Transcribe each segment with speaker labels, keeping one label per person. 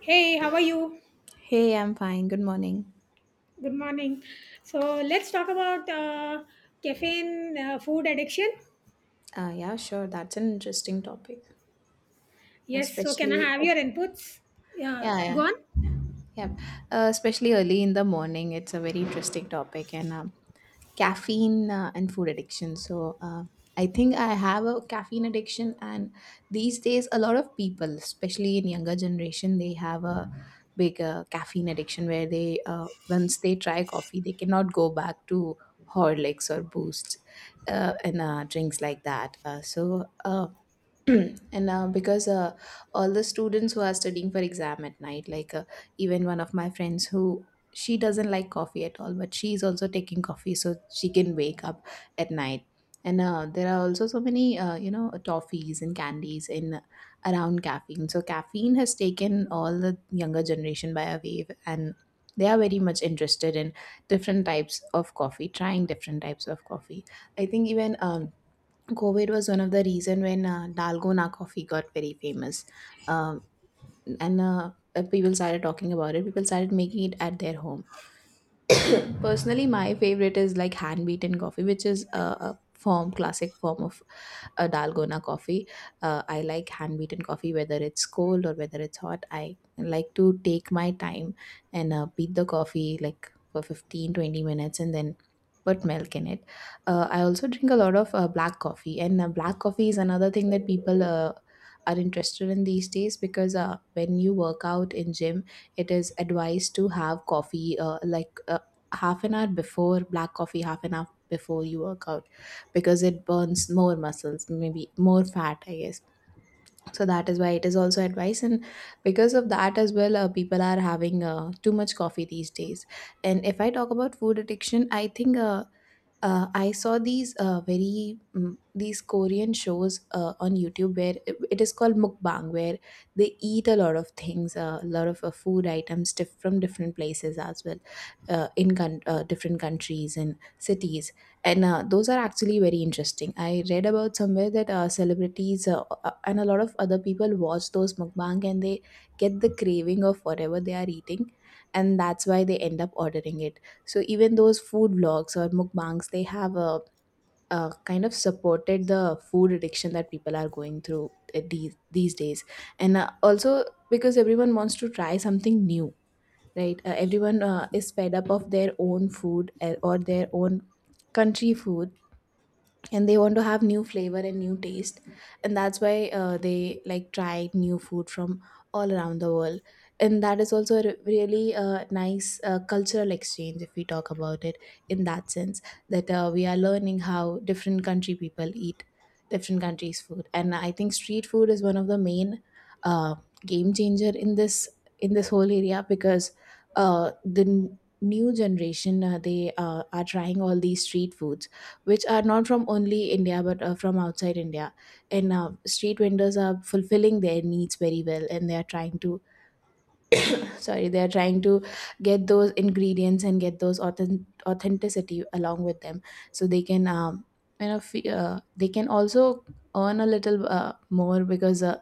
Speaker 1: Hey, how are you?
Speaker 2: Hey, I'm fine. Good morning.
Speaker 1: Good morning. So let's talk about caffeine food addiction.
Speaker 2: Yeah, sure. That's an interesting topic,
Speaker 1: Yes. So can I
Speaker 2: especially.
Speaker 1: have your inputs? Yeah.
Speaker 2: Yeah,
Speaker 1: Go
Speaker 2: yeah.
Speaker 1: on.
Speaker 2: Yeah, especially early in the morning, it's a very interesting topic, and caffeine and food addiction. So, I think I have a caffeine addiction, and these days, a lot of people, especially in younger generation, they have a big caffeine addiction where they once they try coffee, they cannot go back to Horlicks or Boosts, and drinks like that. So, and because all the students who are studying for exam at night, like, even one of my friends who, she doesn't like coffee at all, but she is also taking coffee so she can wake up at night. And there are also so many toffees and candies in around caffeine, so caffeine has taken all the younger generation by a wave, and they are very much interested in different types of coffee, trying different types of coffee. I think, even COVID was one of the reason when Dalgona coffee got very famous, um, and people started talking about it. People started making it at their home. Personally, my favorite is like hand beaten coffee, which is a form, classic form of a dalgona coffee. I like hand beaten coffee, whether it's cold or whether it's hot. I like to take my time and beat the coffee like for 15, 20 minutes, and then put milk in it. I also drink a lot of black coffee, and black coffee is another thing that people are interested in these days, because when you work out in gym, it is advised to have coffee, like half an hour before, black coffee half an hour before you work out, because it burns more muscles, maybe more fat, I guess. So that is why it is also advice. And because of that as well, people are having too much coffee these days. And if I talk about food addiction, I think, I saw these these Korean shows on YouTube, where it is called mukbang, where they eat a lot of things, a lot of food items, from different places as well, different countries and cities, and those are actually very interesting. I read about somewhere that celebrities, and a lot of other people watch those mukbang, and they get the craving of whatever they are eating, and that's why they end up ordering it. So even those food vlogs or mukbangs, they have a kind of supported the food addiction that people are going through, these days. And also, because everyone wants to try something new, right? Everyone is fed up of their own food or their own country food, and they want to have new flavor and new taste. And that's why they like try new food from all around the world. And that is also a really nice cultural exchange, if we talk about it in that sense, that we are learning how different country people eat different countries food. And I think street food is one of the main, uh, game changer in this whole area, because the new generation, they are trying all these street foods, which are not from only India but from outside India. And street vendors are fulfilling their needs very well, and they are trying to, sorry, they are trying to get those ingredients and get those authenticity along with them, so they can, they can also earn a little more, because uh,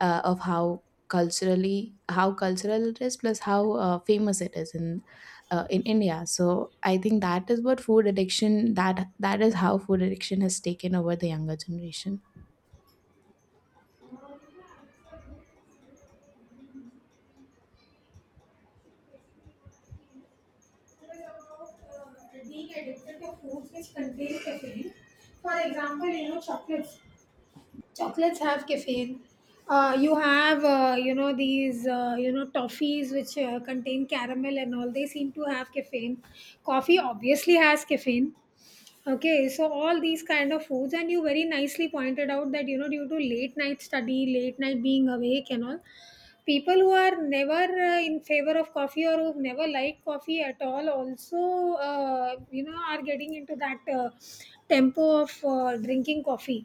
Speaker 2: uh, of how culturally, how cultural it is, plus how famous it is in, India. So I think that is what food addiction, that is how food addiction has taken over the younger generation.
Speaker 1: Being addicted to foods which contain caffeine. For example, chocolates. Chocolates have caffeine. You have these toffees which contain caramel and all. They seem to have caffeine. Coffee obviously has caffeine. Okay, so all these kind of foods, and you very nicely pointed out that, due to late night study, late night being awake, and all, people who are never in favor of coffee or who've never liked coffee at all also, are getting into that tempo of drinking coffee.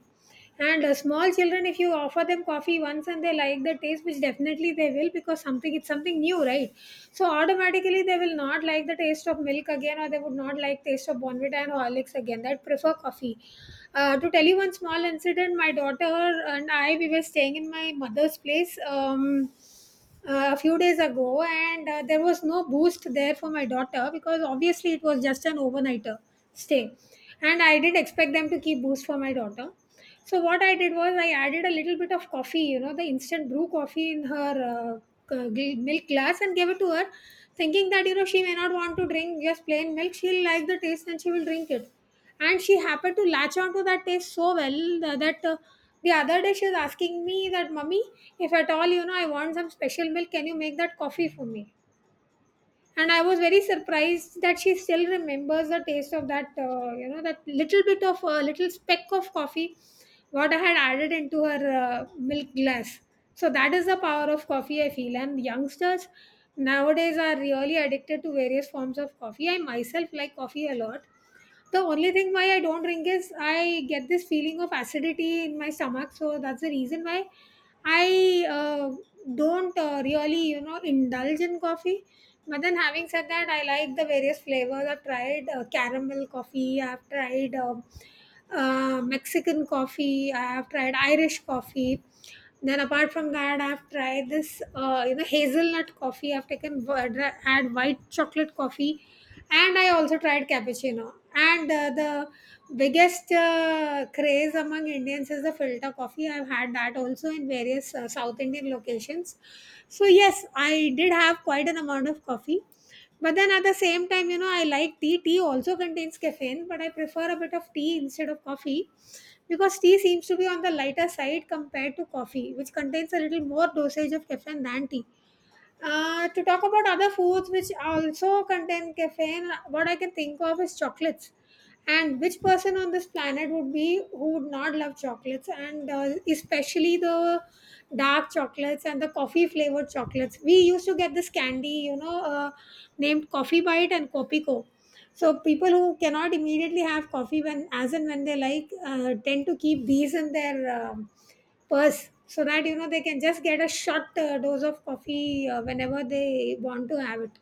Speaker 1: And small children, if you offer them coffee once and they like the taste, which definitely they will, because something it's something new, right? So automatically they will not like the taste of milk again, or they would not like taste of Bonvita and Horlicks again. They'd prefer coffee. To tell you one small incident, my daughter and I, we were staying in my mother's place, a few days ago, and there was no Boost there for my daughter because obviously it was just an overnighter stay. And I did expect them to keep Boost for my daughter. So what I did was, I added a little bit of coffee, the instant brew coffee, in her milk glass and gave it to her, thinking that, she may not want to drink just plain milk, she'll like the taste and she will drink it. And she happened to latch onto that taste so well that, the other day she was asking me that, "Mummy, if at all, I want some special milk, can you make that coffee for me?" And I was very surprised that she still remembers the taste of that, that little bit of a, little speck of coffee what I had added into her milk glass. So that is the power of coffee, I feel. And youngsters nowadays are really addicted to various forms of coffee. I myself like coffee a lot. The only thing why I don't drink is I get this feeling of acidity in my stomach, so that's the reason why I don't really, indulge in coffee. But then, having said that, I like the various flavors. I've tried caramel coffee. I've tried Mexican coffee. I have tried Irish coffee. Then, apart from that, I've tried this, hazelnut coffee. I've had white chocolate coffee. And I also tried cappuccino, and the biggest craze among Indians is the filter coffee. I've had that also in various South Indian locations. So yes, I did have quite an amount of coffee. But then at the same time, I like tea. Tea also contains caffeine, but I prefer a bit of tea instead of coffee, because tea seems to be on the lighter side compared to coffee, which contains a little more dosage of caffeine than tea. To talk about other foods which also contain caffeine, what I can think of is chocolates. And which person on this planet would be who would not love chocolates, and especially the dark chocolates and the coffee flavored chocolates? We used to get this candy, named Coffee Bite and Copico. So people who cannot immediately have coffee when, as and when they like, tend to keep these in their purse so that, they can just get a short dose of coffee whenever they want to have it.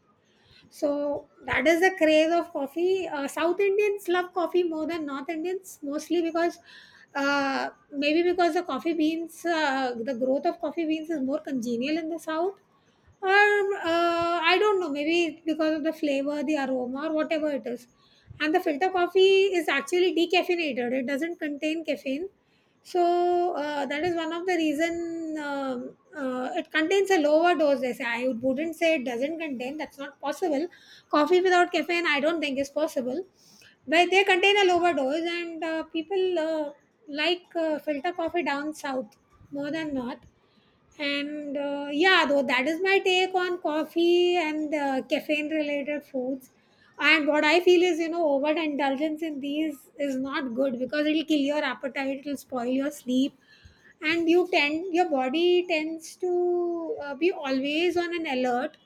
Speaker 1: So that is the craze of coffee. South Indians love coffee more than North Indians, mostly because maybe because the growth of coffee beans is more congenial in the South, or I don't know, maybe it's because of the flavor, the aroma, or whatever it is. And the filter coffee is actually decaffeinated; it doesn't contain caffeine. So that is one of the reason. It contains a lower dose. They say, I wouldn't say it doesn't contain. That's not possible. Coffee without caffeine, I don't think is possible. But they contain a lower dose, and people like filter coffee down South more than North. And yeah, though that is my take on coffee and caffeine related foods. And what I feel is, overindulgence in these is not good because it'll kill your appetite, it'll spoil your sleep, and your body tends to be always on an alert.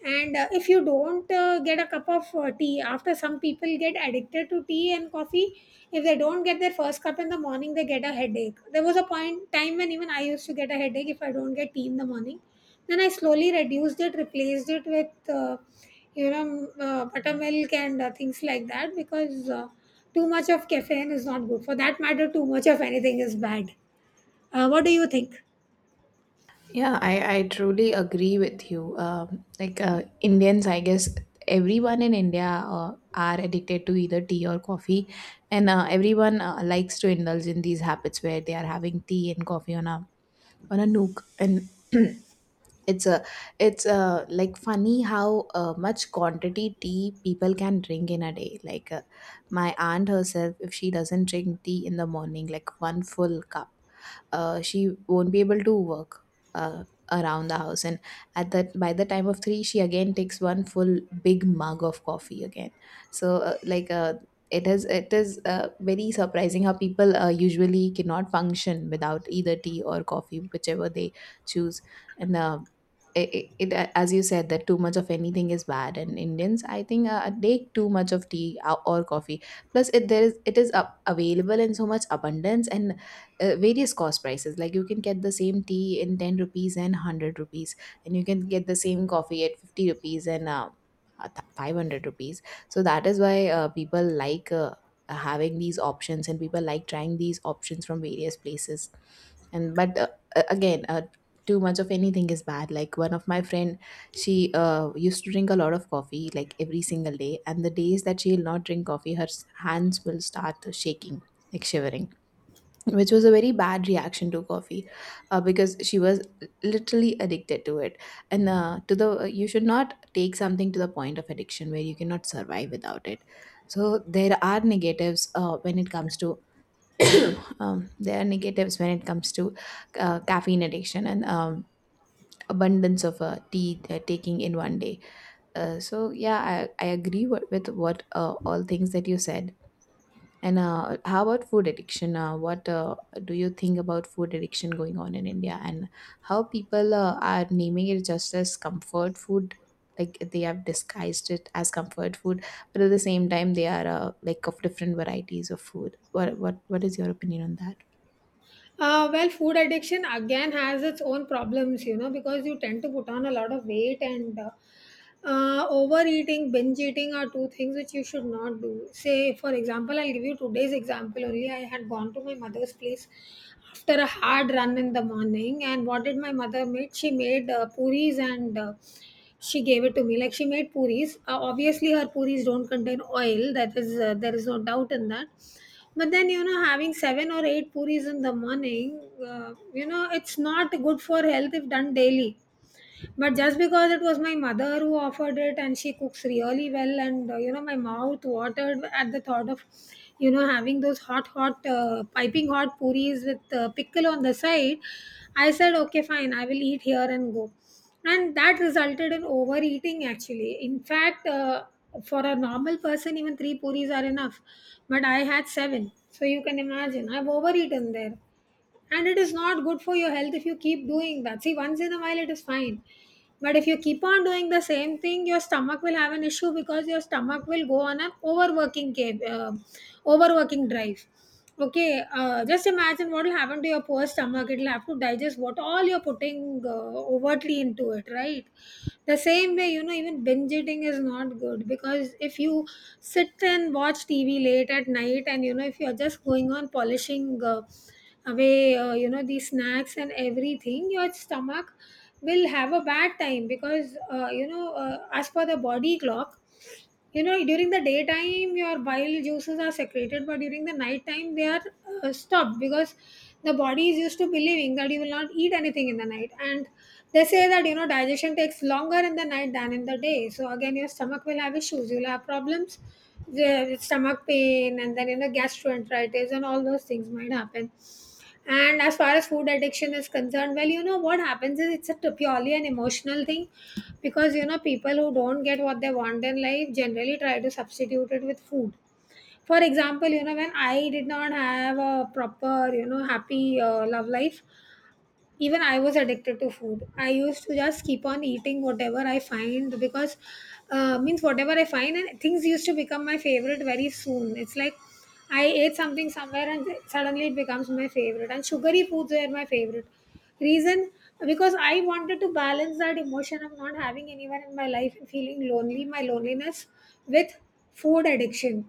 Speaker 1: And if you don't get a cup of tea, after some people get addicted to tea and coffee, if they don't get their first cup in the morning, they get a headache. There was a point time when even I used to get a headache if I don't get tea in the morning. Then I slowly reduced it, replaced it with, buttermilk and things like that, because too much of caffeine is not good. For that matter, too much of anything is bad. What do you think?
Speaker 2: Yeah, I truly agree with you. Like, Indians, I guess everyone in India are addicted to either tea or coffee, and everyone likes to indulge in these habits where they are having tea and coffee on a nook. And it's a it's a funny how much quantity tea people can drink in a day, like, my aunt herself, if she doesn't drink tea in the morning, like one full cup, she won't be able to work uh, around the house. And at that, by the time of 3, she again takes one full big mug of coffee again. So, it is very surprising how people usually cannot function without either tea or coffee, whichever they choose. And it, it, it- as you said, that too much of anything is bad. And Indians, I think, take too much of tea, or coffee, plus it there is it is up, available in so much abundance, and various cost prices. Like, you can get the same tea in 10 rupees and 100 rupees, and you can get the same coffee at 50 rupees, and 500 rupees. So that is why people like having these options, and people like trying these options from various places. And but again, too much of anything is bad. Like one of my friend, she used to drink a lot of coffee, like every single day, and the days that she'll not drink coffee, her hands will start shaking, like shivering, which was a very bad reaction to coffee, because she was literally addicted to it. And uh, to the uh, you should not take something to the point of addiction where you cannot survive without it. So there are negatives when it comes to there are negatives when it comes to caffeine addiction, and abundance of tea they're taking in one day. So yeah, I agree with what, all things that you said. And how about food addiction? What do you think about food addiction going on in India, and how people are naming it just as comfort food? Like, they have disguised it as comfort food, but at the same time they are like of different varieties of food. What is your opinion on that?
Speaker 1: Well, food addiction again has its own problems, because you tend to put on a lot of weight, and overeating, binge eating are two things which you should not do. Say, for example, I'll give you today's example only. I had gone to my mother's place after a hard run in the morning. And what did my mother make? She made puris, and she gave it to me. Like, she made puris. Obviously, her puris don't contain oil, that is, there is no doubt in that. But then, having seven or eight puris in the morning, it's not good for health if done daily. But just because it was my mother who offered it and she cooks really well, and my mouth watered at the thought of having those hot, hot, piping hot puris with pickle on the side. I said, okay, fine, I will eat here and go. And that resulted in overeating, actually. In fact, for a normal person, even three puris are enough. But I had seven. So you can imagine, I've overeaten there, and it is not good for your health if you keep doing that. See, once in a while it is fine, but if you keep on doing the same thing, your stomach will have an issue, because your stomach will go on an overworking drive. Okay, just imagine what will happen to your poor stomach. It'll have to digest what all you're putting overtly into it, right? The same way, even binge eating is not good, because if you sit and watch TV late at night and, if you're just going on polishing away, the snacks and everything, your stomach will have a bad time because, as per the body clock, during the daytime your bile juices are secreted, but during the night time, they are stopped, because the body is used to believing that you will not eat anything in the night, and they say that, digestion takes longer in the night than in the day. So again your stomach will have issues, you'll have problems with stomach pain, and then, gastroenteritis and all those things might happen. And as far as food addiction is concerned, well, you know what happens is, it's purely an emotional thing, because, people who don't get what they want in life generally try to substitute it with food. For example, you know when I did not have a proper, you know, happy love life, even I was addicted to food. I used to just keep on eating whatever I find because means whatever I find, and things used to become my favorite very soon. It's like I ate something somewhere and suddenly it becomes my favorite, and sugary foods were my favorite reason because I wanted to balance that emotion of not having anyone in my life and feeling lonely, my loneliness, with food addiction.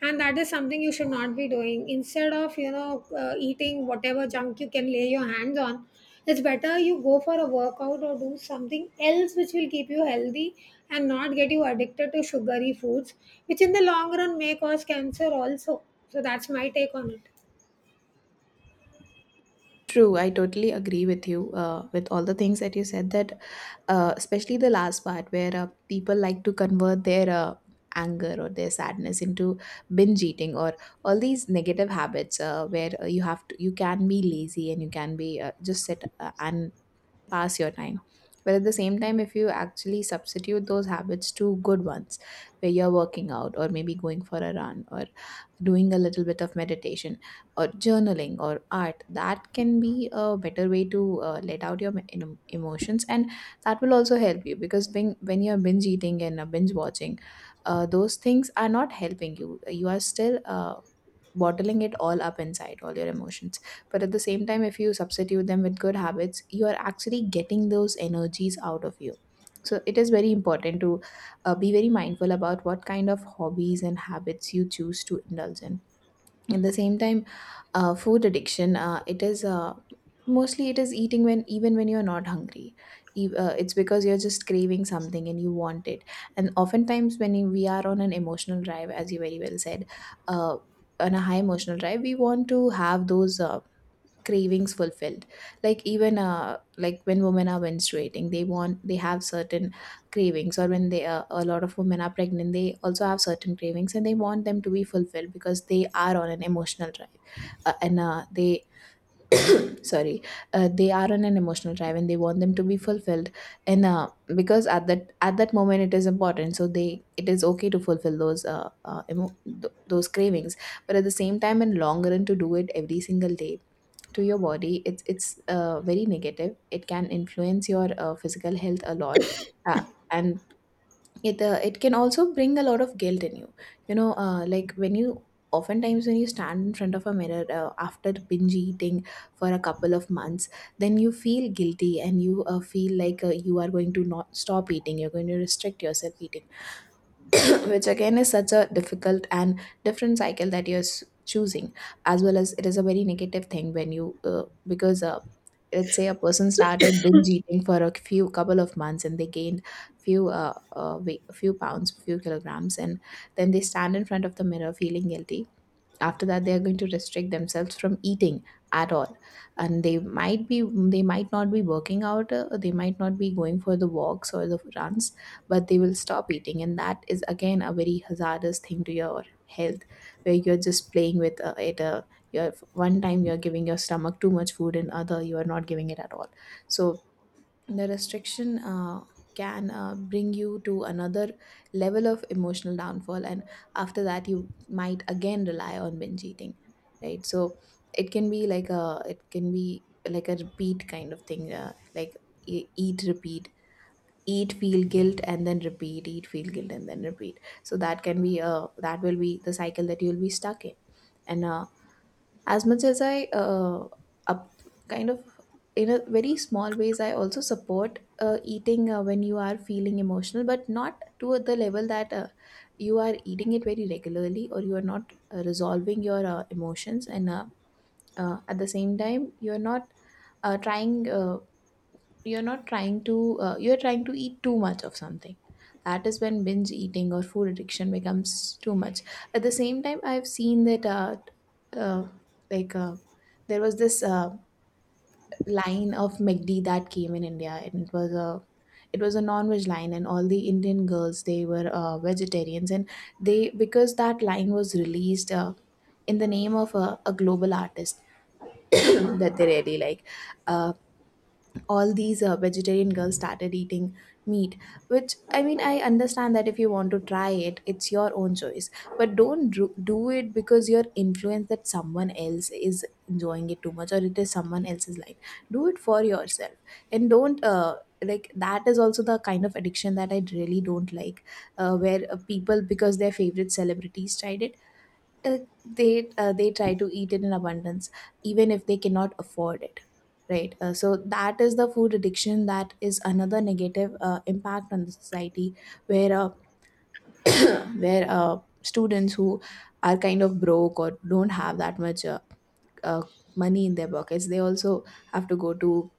Speaker 1: And that is something you should not be doing. Instead of you know eating whatever junk you can lay your hands on, it's better you go for a workout or do something else which will keep you healthy and not get you addicted to sugary foods, which in the long run may cause cancer also. So that's my take on it.
Speaker 2: True, I totally agree with you with all the things that you said. That especially the last part, where people like to convert their anger or their sadness into binge eating, or all these negative habits, where you have to you can be lazy, and you can be just sit and pass your time. But at the same time, if you actually substitute those habits to good ones, where you're working out, or maybe going for a run, or doing a little bit of meditation, or journaling or art, that can be a better way to let out your emotions. And that will also help you, because when you're binge eating and binge watching, those things are not helping you. You are still bottling it all up inside, all your emotions. But at the same time, if you substitute them with good habits, you are actually getting those energies out of you. So it is very important to be very mindful about what kind of hobbies and habits you choose to indulge in. At the same time, food addiction, it is, mostly, it is eating when even when you're not hungry. It's because you're just craving something and you want it. And oftentimes when we are on an emotional drive, as you very well said, uh, on a high emotional drive, we want to have those cravings fulfilled. Like even, like when women are menstruating, they have certain cravings. Or when they a lot of women are pregnant, they also have certain cravings, and they want them to be fulfilled because they are on an emotional drive. Uh, and uh, they sorry uh, they are on an emotional drive and they want them to be fulfilled. And because at that moment, it is important, so they it is okay to fulfill those those cravings. But at the same time, in long run, to do it every single day to your body, it's very negative. It can influence your physical health a lot. Uh, and it can also bring a lot of guilt in you, you know, like when you Oftentimes when you stand in front of a mirror, after binge eating for a couple of months, then you feel guilty and you feel like you are going to not stop eating. You're going to restrict yourself eating. Which again is such a difficult and different cycle that choosing. As well as it is a very negative thing when you, because, let's say a person started binge eating for a few couple of months and they gained few, weight, few pounds, few kilograms, and then they stand in front of the mirror feeling guilty. After that they are going to restrict themselves from eating at all, and they might not be working out. They might not be going for the walks or the runs, but they will stop eating, and that is again a very hazardous thing to your health, where you're just playing with it. You're, one time you're giving your stomach too much food, and other you are not giving it at all. So the restriction can bring you to another level of emotional downfall, and after that you might again rely on binge eating, right? So it can be like a, repeat kind of thing, like eat repeat. Eat feel guilt and then repeat, eat feel guilt and then repeat, so that will be the cycle that you'll be stuck in. And as much as I up kind of, in a very small ways, I also support eating when you are feeling emotional, but not to the level that you are eating it very regularly, or you are not resolving your emotions. And at the same time you are not trying, you're not trying to, you're trying to eat too much of something. That is when binge eating or food addiction becomes too much. At the same time I've seen that, uh, like, there was this, line of McD that came in India, and it was a, non-veg line, and all the Indian girls, they were vegetarians, and they, because that line was released in the name of a, global artist that they really like. uh, all these vegetarian girls started eating meat. Which, I mean, I understand that if you want to try it, it's your own choice, but don't do, do it because you're influenced that someone else is enjoying it too much, or it is someone else's life. Do it for yourself. And don't, like, that is also the kind of addiction that I really don't like. Where people, because their favorite celebrities tried it, uh, they try to eat it in abundance, even if they cannot afford it, right? So that is the food addiction, that is another negative impact on the society. Where where students who are kind of broke or don't have that much uh, money in their pockets, they also have to go to,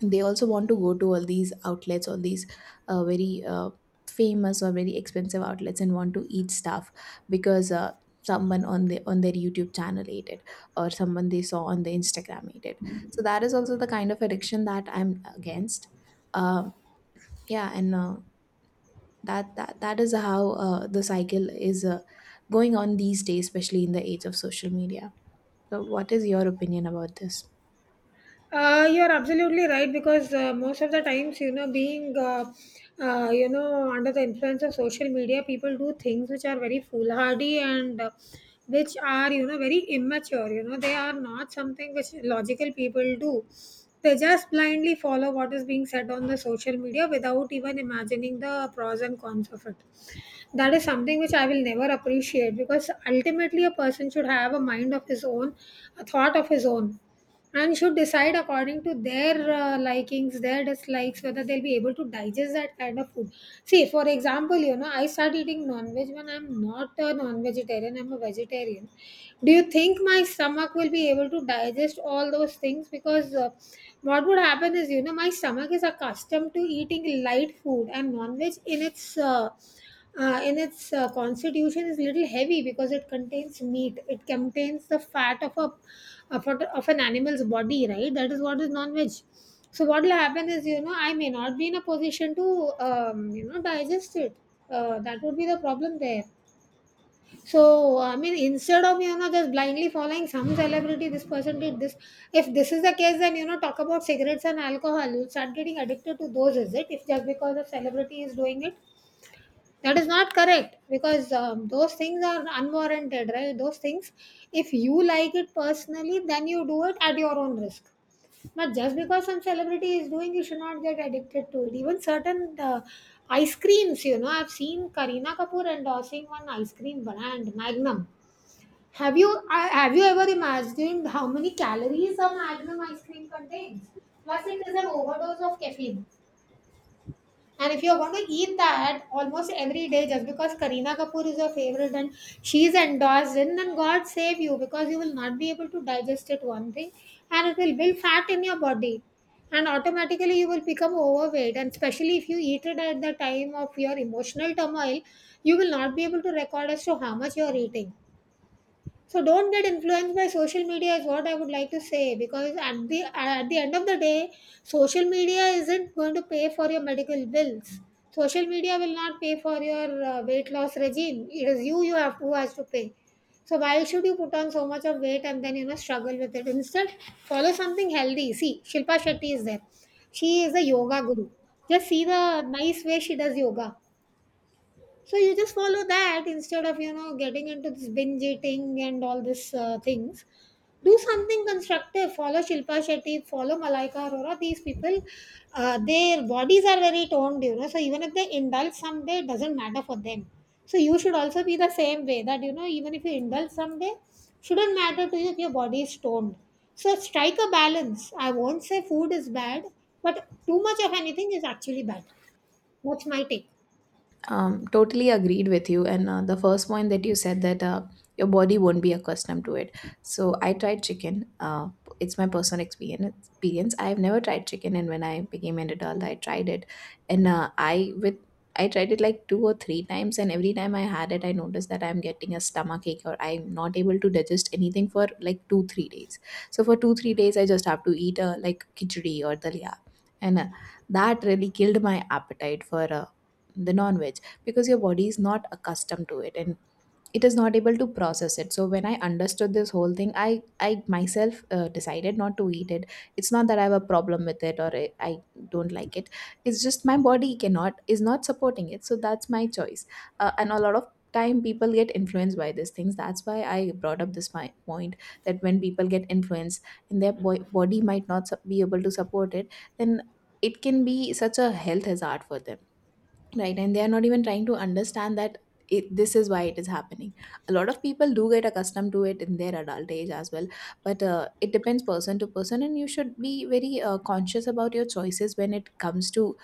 Speaker 2: they also want to go to all these outlets, all these very famous or very expensive outlets, and want to eat stuff because someone on the, on their YouTube channel ate it, or someone they saw on the Instagram ate it. So that is also the kind of addiction that I'm against. uh, yeah, and that is how the cycle is going on these days, especially in the age of social media. So what is your opinion about this?
Speaker 1: You're absolutely right because most of the times, you know, being, you know, under the influence of social media, people do things which are very foolhardy, and which are, you know, very immature. You know, they are not something which logical people do. They just blindly follow what is being said on the social media without even imagining the pros and cons of it. That is something which I will never appreciate because ultimately a person should have a mind of his own, a thought of his own, and should decide according to their likings, their dislikes, whether they'll be able to digest that kind of food. See, for example, you know, I start eating non veg when I'm not a non vegetarian, I'm a vegetarian. Do you think my stomach will be able to digest all those things? Because what would happen is, you know, my stomach is accustomed to eating light food, and non veg in its constitution is little heavy because it contains meat. It contains the fat of of an animal's body, right? That is what is non-veg. So what will happen is, you know, I may not be in a position to, you know, digest it. That would be the problem there. So I mean, instead of you know just blindly following some celebrity, this person did this. If this is the case, then you know talk about cigarettes and alcohol. You start getting addicted to those, is it? If just because a celebrity is doing it, that is not correct because those things are unwarranted, right? Those things, if you like it personally, then you do it at your own risk. But just because some celebrity is doing, you should not get addicted to it. Even certain ice creams, you know, I've seen Kareena Kapoor endorsing one ice cream brand, Magnum. Have you ever imagined how many calories a Magnum ice cream contains? Plus, it is an overdose of caffeine. And if you're going to eat that almost every day just because Kareena Kapoor is your favorite and she's endorsed in, then God save you because you will not be able to digest it, one thing, and it will build fat in your body. And automatically you will become overweight. And especially if you eat it at the time of your emotional turmoil, you will not be able to record as to how much you're eating. So don't get influenced by social media is what I would like to say because at the end of the day, social media isn't going to pay for your medical bills. Social media will not pay for your weight loss regime. It is you have who has to pay. So why should you put on so much of weight and then you know struggle with it? Instead, follow something healthy. See, Shilpa Shetty is there. She is a yoga guru. Just see the nice way she does yoga. So you just follow that instead of you know getting into this binge eating and all these things. Do something constructive. Follow Shilpa Shetty. Follow Malaika Arora. These people, their bodies are very toned, you know. So even if they indulge someday, it doesn't matter for them. So you should also be the same way that you know even if you indulge someday, shouldn't matter to you if your body is toned. So strike a balance. I won't say food is bad, but too much of anything is actually bad. That's my take.
Speaker 2: Totally agreed with you. And the first point that you said, that your body won't be accustomed to it. So I tried chicken. It's my personal experience. Experience. I've never tried chicken, and when I became an adult, I tried it, and I with, I tried it like two or three times, and every time I had it, I noticed that I'm getting a stomach ache, or I'm not able to digest anything for like 2-3 days. So for 2-3 days, I just have to eat like khichdi or dalia. And that really killed my appetite for. The non-veg, because your body is not accustomed to it, and it is not able to process it. So when I understood this whole thing, I myself decided not to eat it. It's not that I have a problem with it, or I don't like it. It's just my body cannot, is not supporting it, so that's my choice. And a lot of time people get influenced by these things, that's why I brought up this my point. That when people get influenced, and their body might not sup- be able to support it, then it can be such a health hazard for them. Right, and they are not even trying to understand that, this is why it is happening. A lot of people do get accustomed to it in their adult age as well, but it depends person to person, and you should be very conscious about your choices when it comes to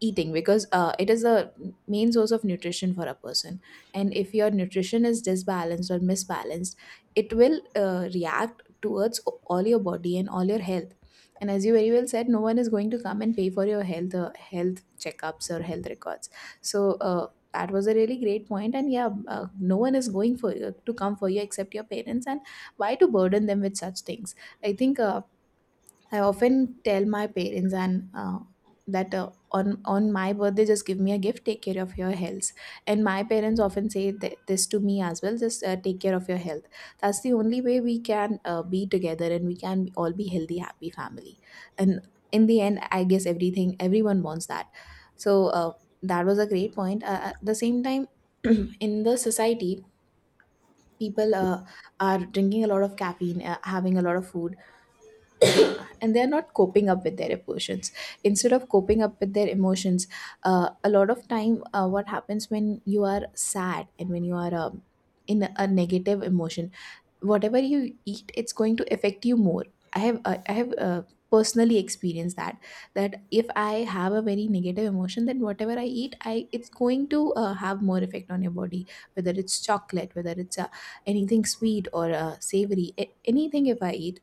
Speaker 2: eating, because it is a main source of nutrition for a person. And if your nutrition is disbalanced or misbalanced, it will react towards all your body and all your health. And as you very well said, no one is going to come and pay for your health, health checkups or health records, so that was a really great point. And yeah, no one is going for to come for you except your parents, and why to burden them with such things? I think, I often tell my parents, and that on, my birthday, just give me a gift. Take care of your health. And my parents often say this to me as well. Just take care of your health. That's the only way we can be together and we can all be healthy, happy family. And in the end, I guess everything, everyone wants that. So that was a great point. At the same time, in the society, people are drinking a lot of caffeine, having a lot of food, and they're not coping up with their emotions. Instead of coping up with their emotions, a lot of time, what happens when you are sad and when you are, in a negative emotion, whatever you eat, it's going to affect you more. I have personally experienced that, that if I have a very negative emotion, then whatever I eat, I it's going to have more effect on your body. Whether it's chocolate, whether it's anything sweet or savory, anything if I eat,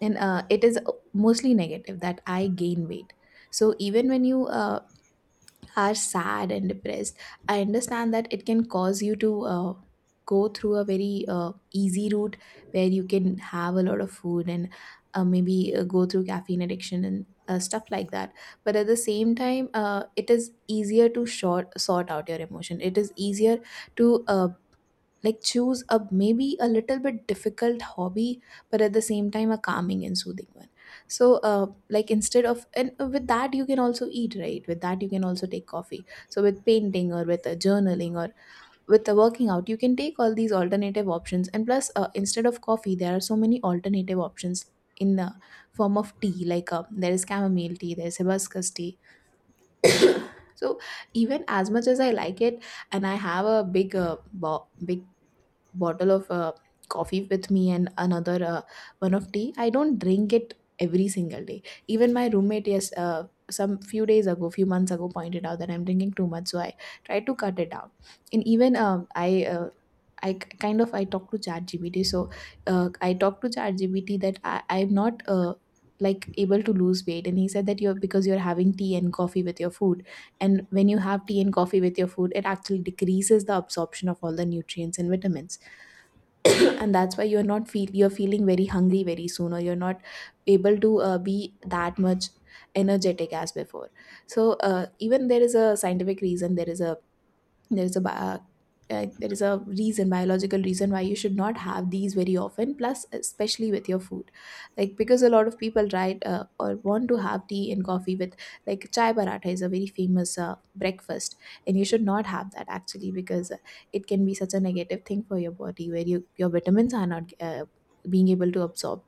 Speaker 2: and it is mostly negative that I gain weight. So even when you are sad and depressed, I understand that it can cause you to go through a very easy route, where you can have a lot of food, and maybe go through caffeine addiction and stuff like that. But at the same time, it is easier to sort out your emotion. It is easier to, like, choose a maybe a little bit difficult hobby, but at the same time a calming and soothing one. So like, instead of, and with that you can also eat right, with that you can also take coffee. So with painting, or with journaling, or with the working out, you can take all these alternative options. And plus instead of coffee, there are so many alternative options in the form of tea. Like there is chamomile tea, there is hibiscus tea. So, even as much as I like it, and I have a big, big bottle of coffee with me, and another one of tea, I don't drink it every single day. Even my roommate, yes, some few days ago, few months ago, pointed out that I'm drinking too much, so I try to cut it down. And even, I kind of, I talk to ChatGPT, so I talk to ChatGPT that I'm not, like, able to lose weight, and he said that you're, because you're having tea and coffee with your food, and when you have tea and coffee with your food, it actually decreases the absorption of all the nutrients and vitamins. And that's why you're not feel you're feeling very hungry very soon, or you're not able to be that much energetic as before. So even there is a scientific reason, there is a there is a reason, biological reason, why you should not have these very often, plus especially with your food. Like, because a lot of people, right, or want to have tea and coffee with, like chai paratha is a very famous breakfast, and you should not have that actually, because it can be such a negative thing for your body, where you, your vitamins are not being able to absorb.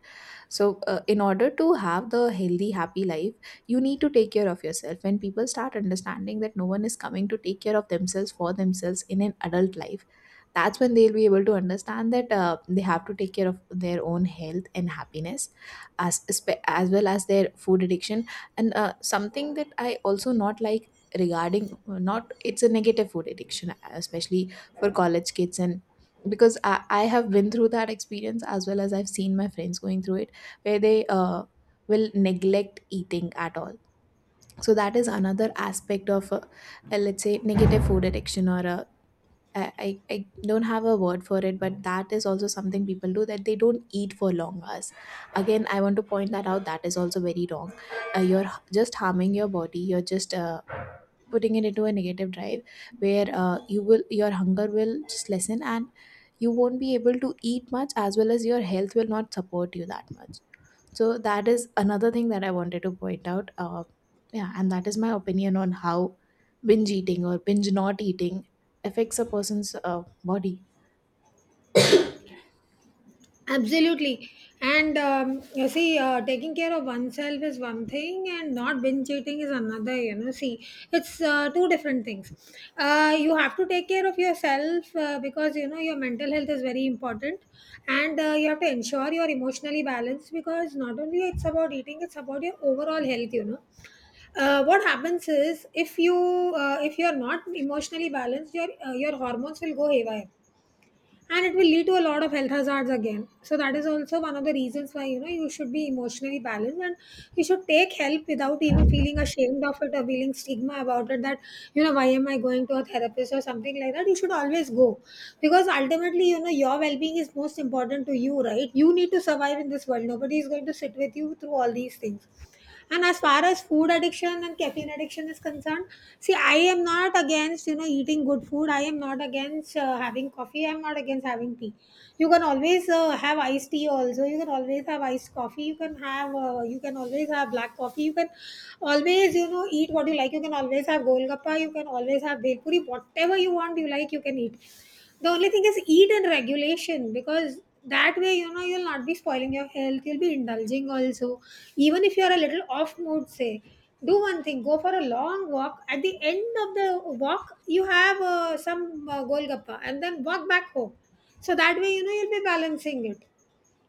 Speaker 2: So, in order to have the healthy, happy life, you need to take care of yourself. When people start understanding that no one is coming to take care of themselves for themselves in an adult life, that's when they'll be able to understand that they have to take care of their own health and happiness, as well as their food addiction. And something that I also not like regarding, not, it's a negative food addiction, especially for college kids, and because I have been through that experience, as well as I've seen my friends going through it, where they will neglect eating at all. So that is another aspect of, let's say, negative food addiction, or I don't have a word for it, but that is also something people do, that they don't eat for long hours. Again, I want to point that out. That is also very wrong. You're just harming your body. You're just putting it into a negative drive, where you will, your hunger will just lessen, and you won't be able to eat much, as well as your health will not support you that much. So that is another thing that I wanted to point out. Yeah, and that is my opinion on how binge eating or binge not eating affects a person's body.
Speaker 1: Absolutely. And you see, taking care of oneself is one thing, and not binge eating is another. You know, see, it's two different things. You have to take care of yourself because you know your mental health is very important, and you have to ensure you're emotionally balanced because not only it's about eating, it's about your overall health. You know, what happens is if you if you're not emotionally balanced, your hormones will go haywire, and it will lead to a lot of health hazards again. So that is also one of the reasons why you know you should be emotionally balanced, and you should take help without even feeling ashamed of it or feeling stigma about it, that you know why am I going to a therapist or something like that. You should always go because ultimately you know your well-being is most important to you, right? You need to survive in this world. Nobody is going to sit with you through all these things. And as far as food addiction and caffeine addiction is concerned, see, I am not against you know eating good food. I am not against having coffee. I'm not against having tea. You can always have iced tea. Also, you can always have iced coffee. You can have you can always have black coffee. You can always you know eat what you like. You can always have golgappa. You can always have bhel puri. Whatever you want, you like, you can eat. The only thing is eat in regulation because that way you know you'll not be spoiling your health, you'll be indulging also. Even if you're a little off mood, say do one thing: go for a long walk. At the end of the walk, you have some golgappa and then walk back home. So that way you know you'll be balancing it,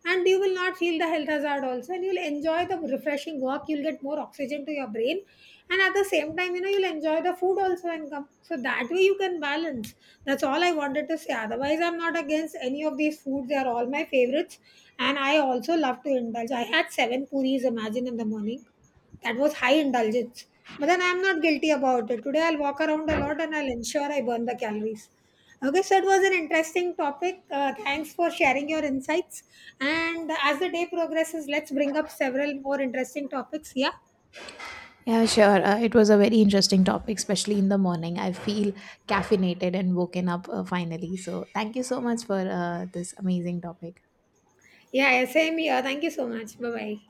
Speaker 1: and you will not feel the health hazard also, and you'll enjoy the refreshing walk, you'll get more oxygen to your brain, and at the same time you know you'll enjoy the food also and come. So that way you can balance. That's all I wanted to say. Otherwise I'm not against any of these foods, they are all my favorites, and I also love to indulge. I had seven puris, imagine, in the morning. That was high indulgence. But then I'm not guilty about it. Today I'll walk around a lot and I'll ensure I burn the calories. Okay, so it was an interesting topic. Thanks for sharing your insights. And as the day progresses, let's bring up several more interesting topics. Yeah.
Speaker 2: Yeah, sure. It was a very interesting topic, especially in the morning. I feel caffeinated and woken up, finally. So thank you so much for this amazing topic.
Speaker 1: Yeah, yeah, same here. Thank you so much. Bye bye.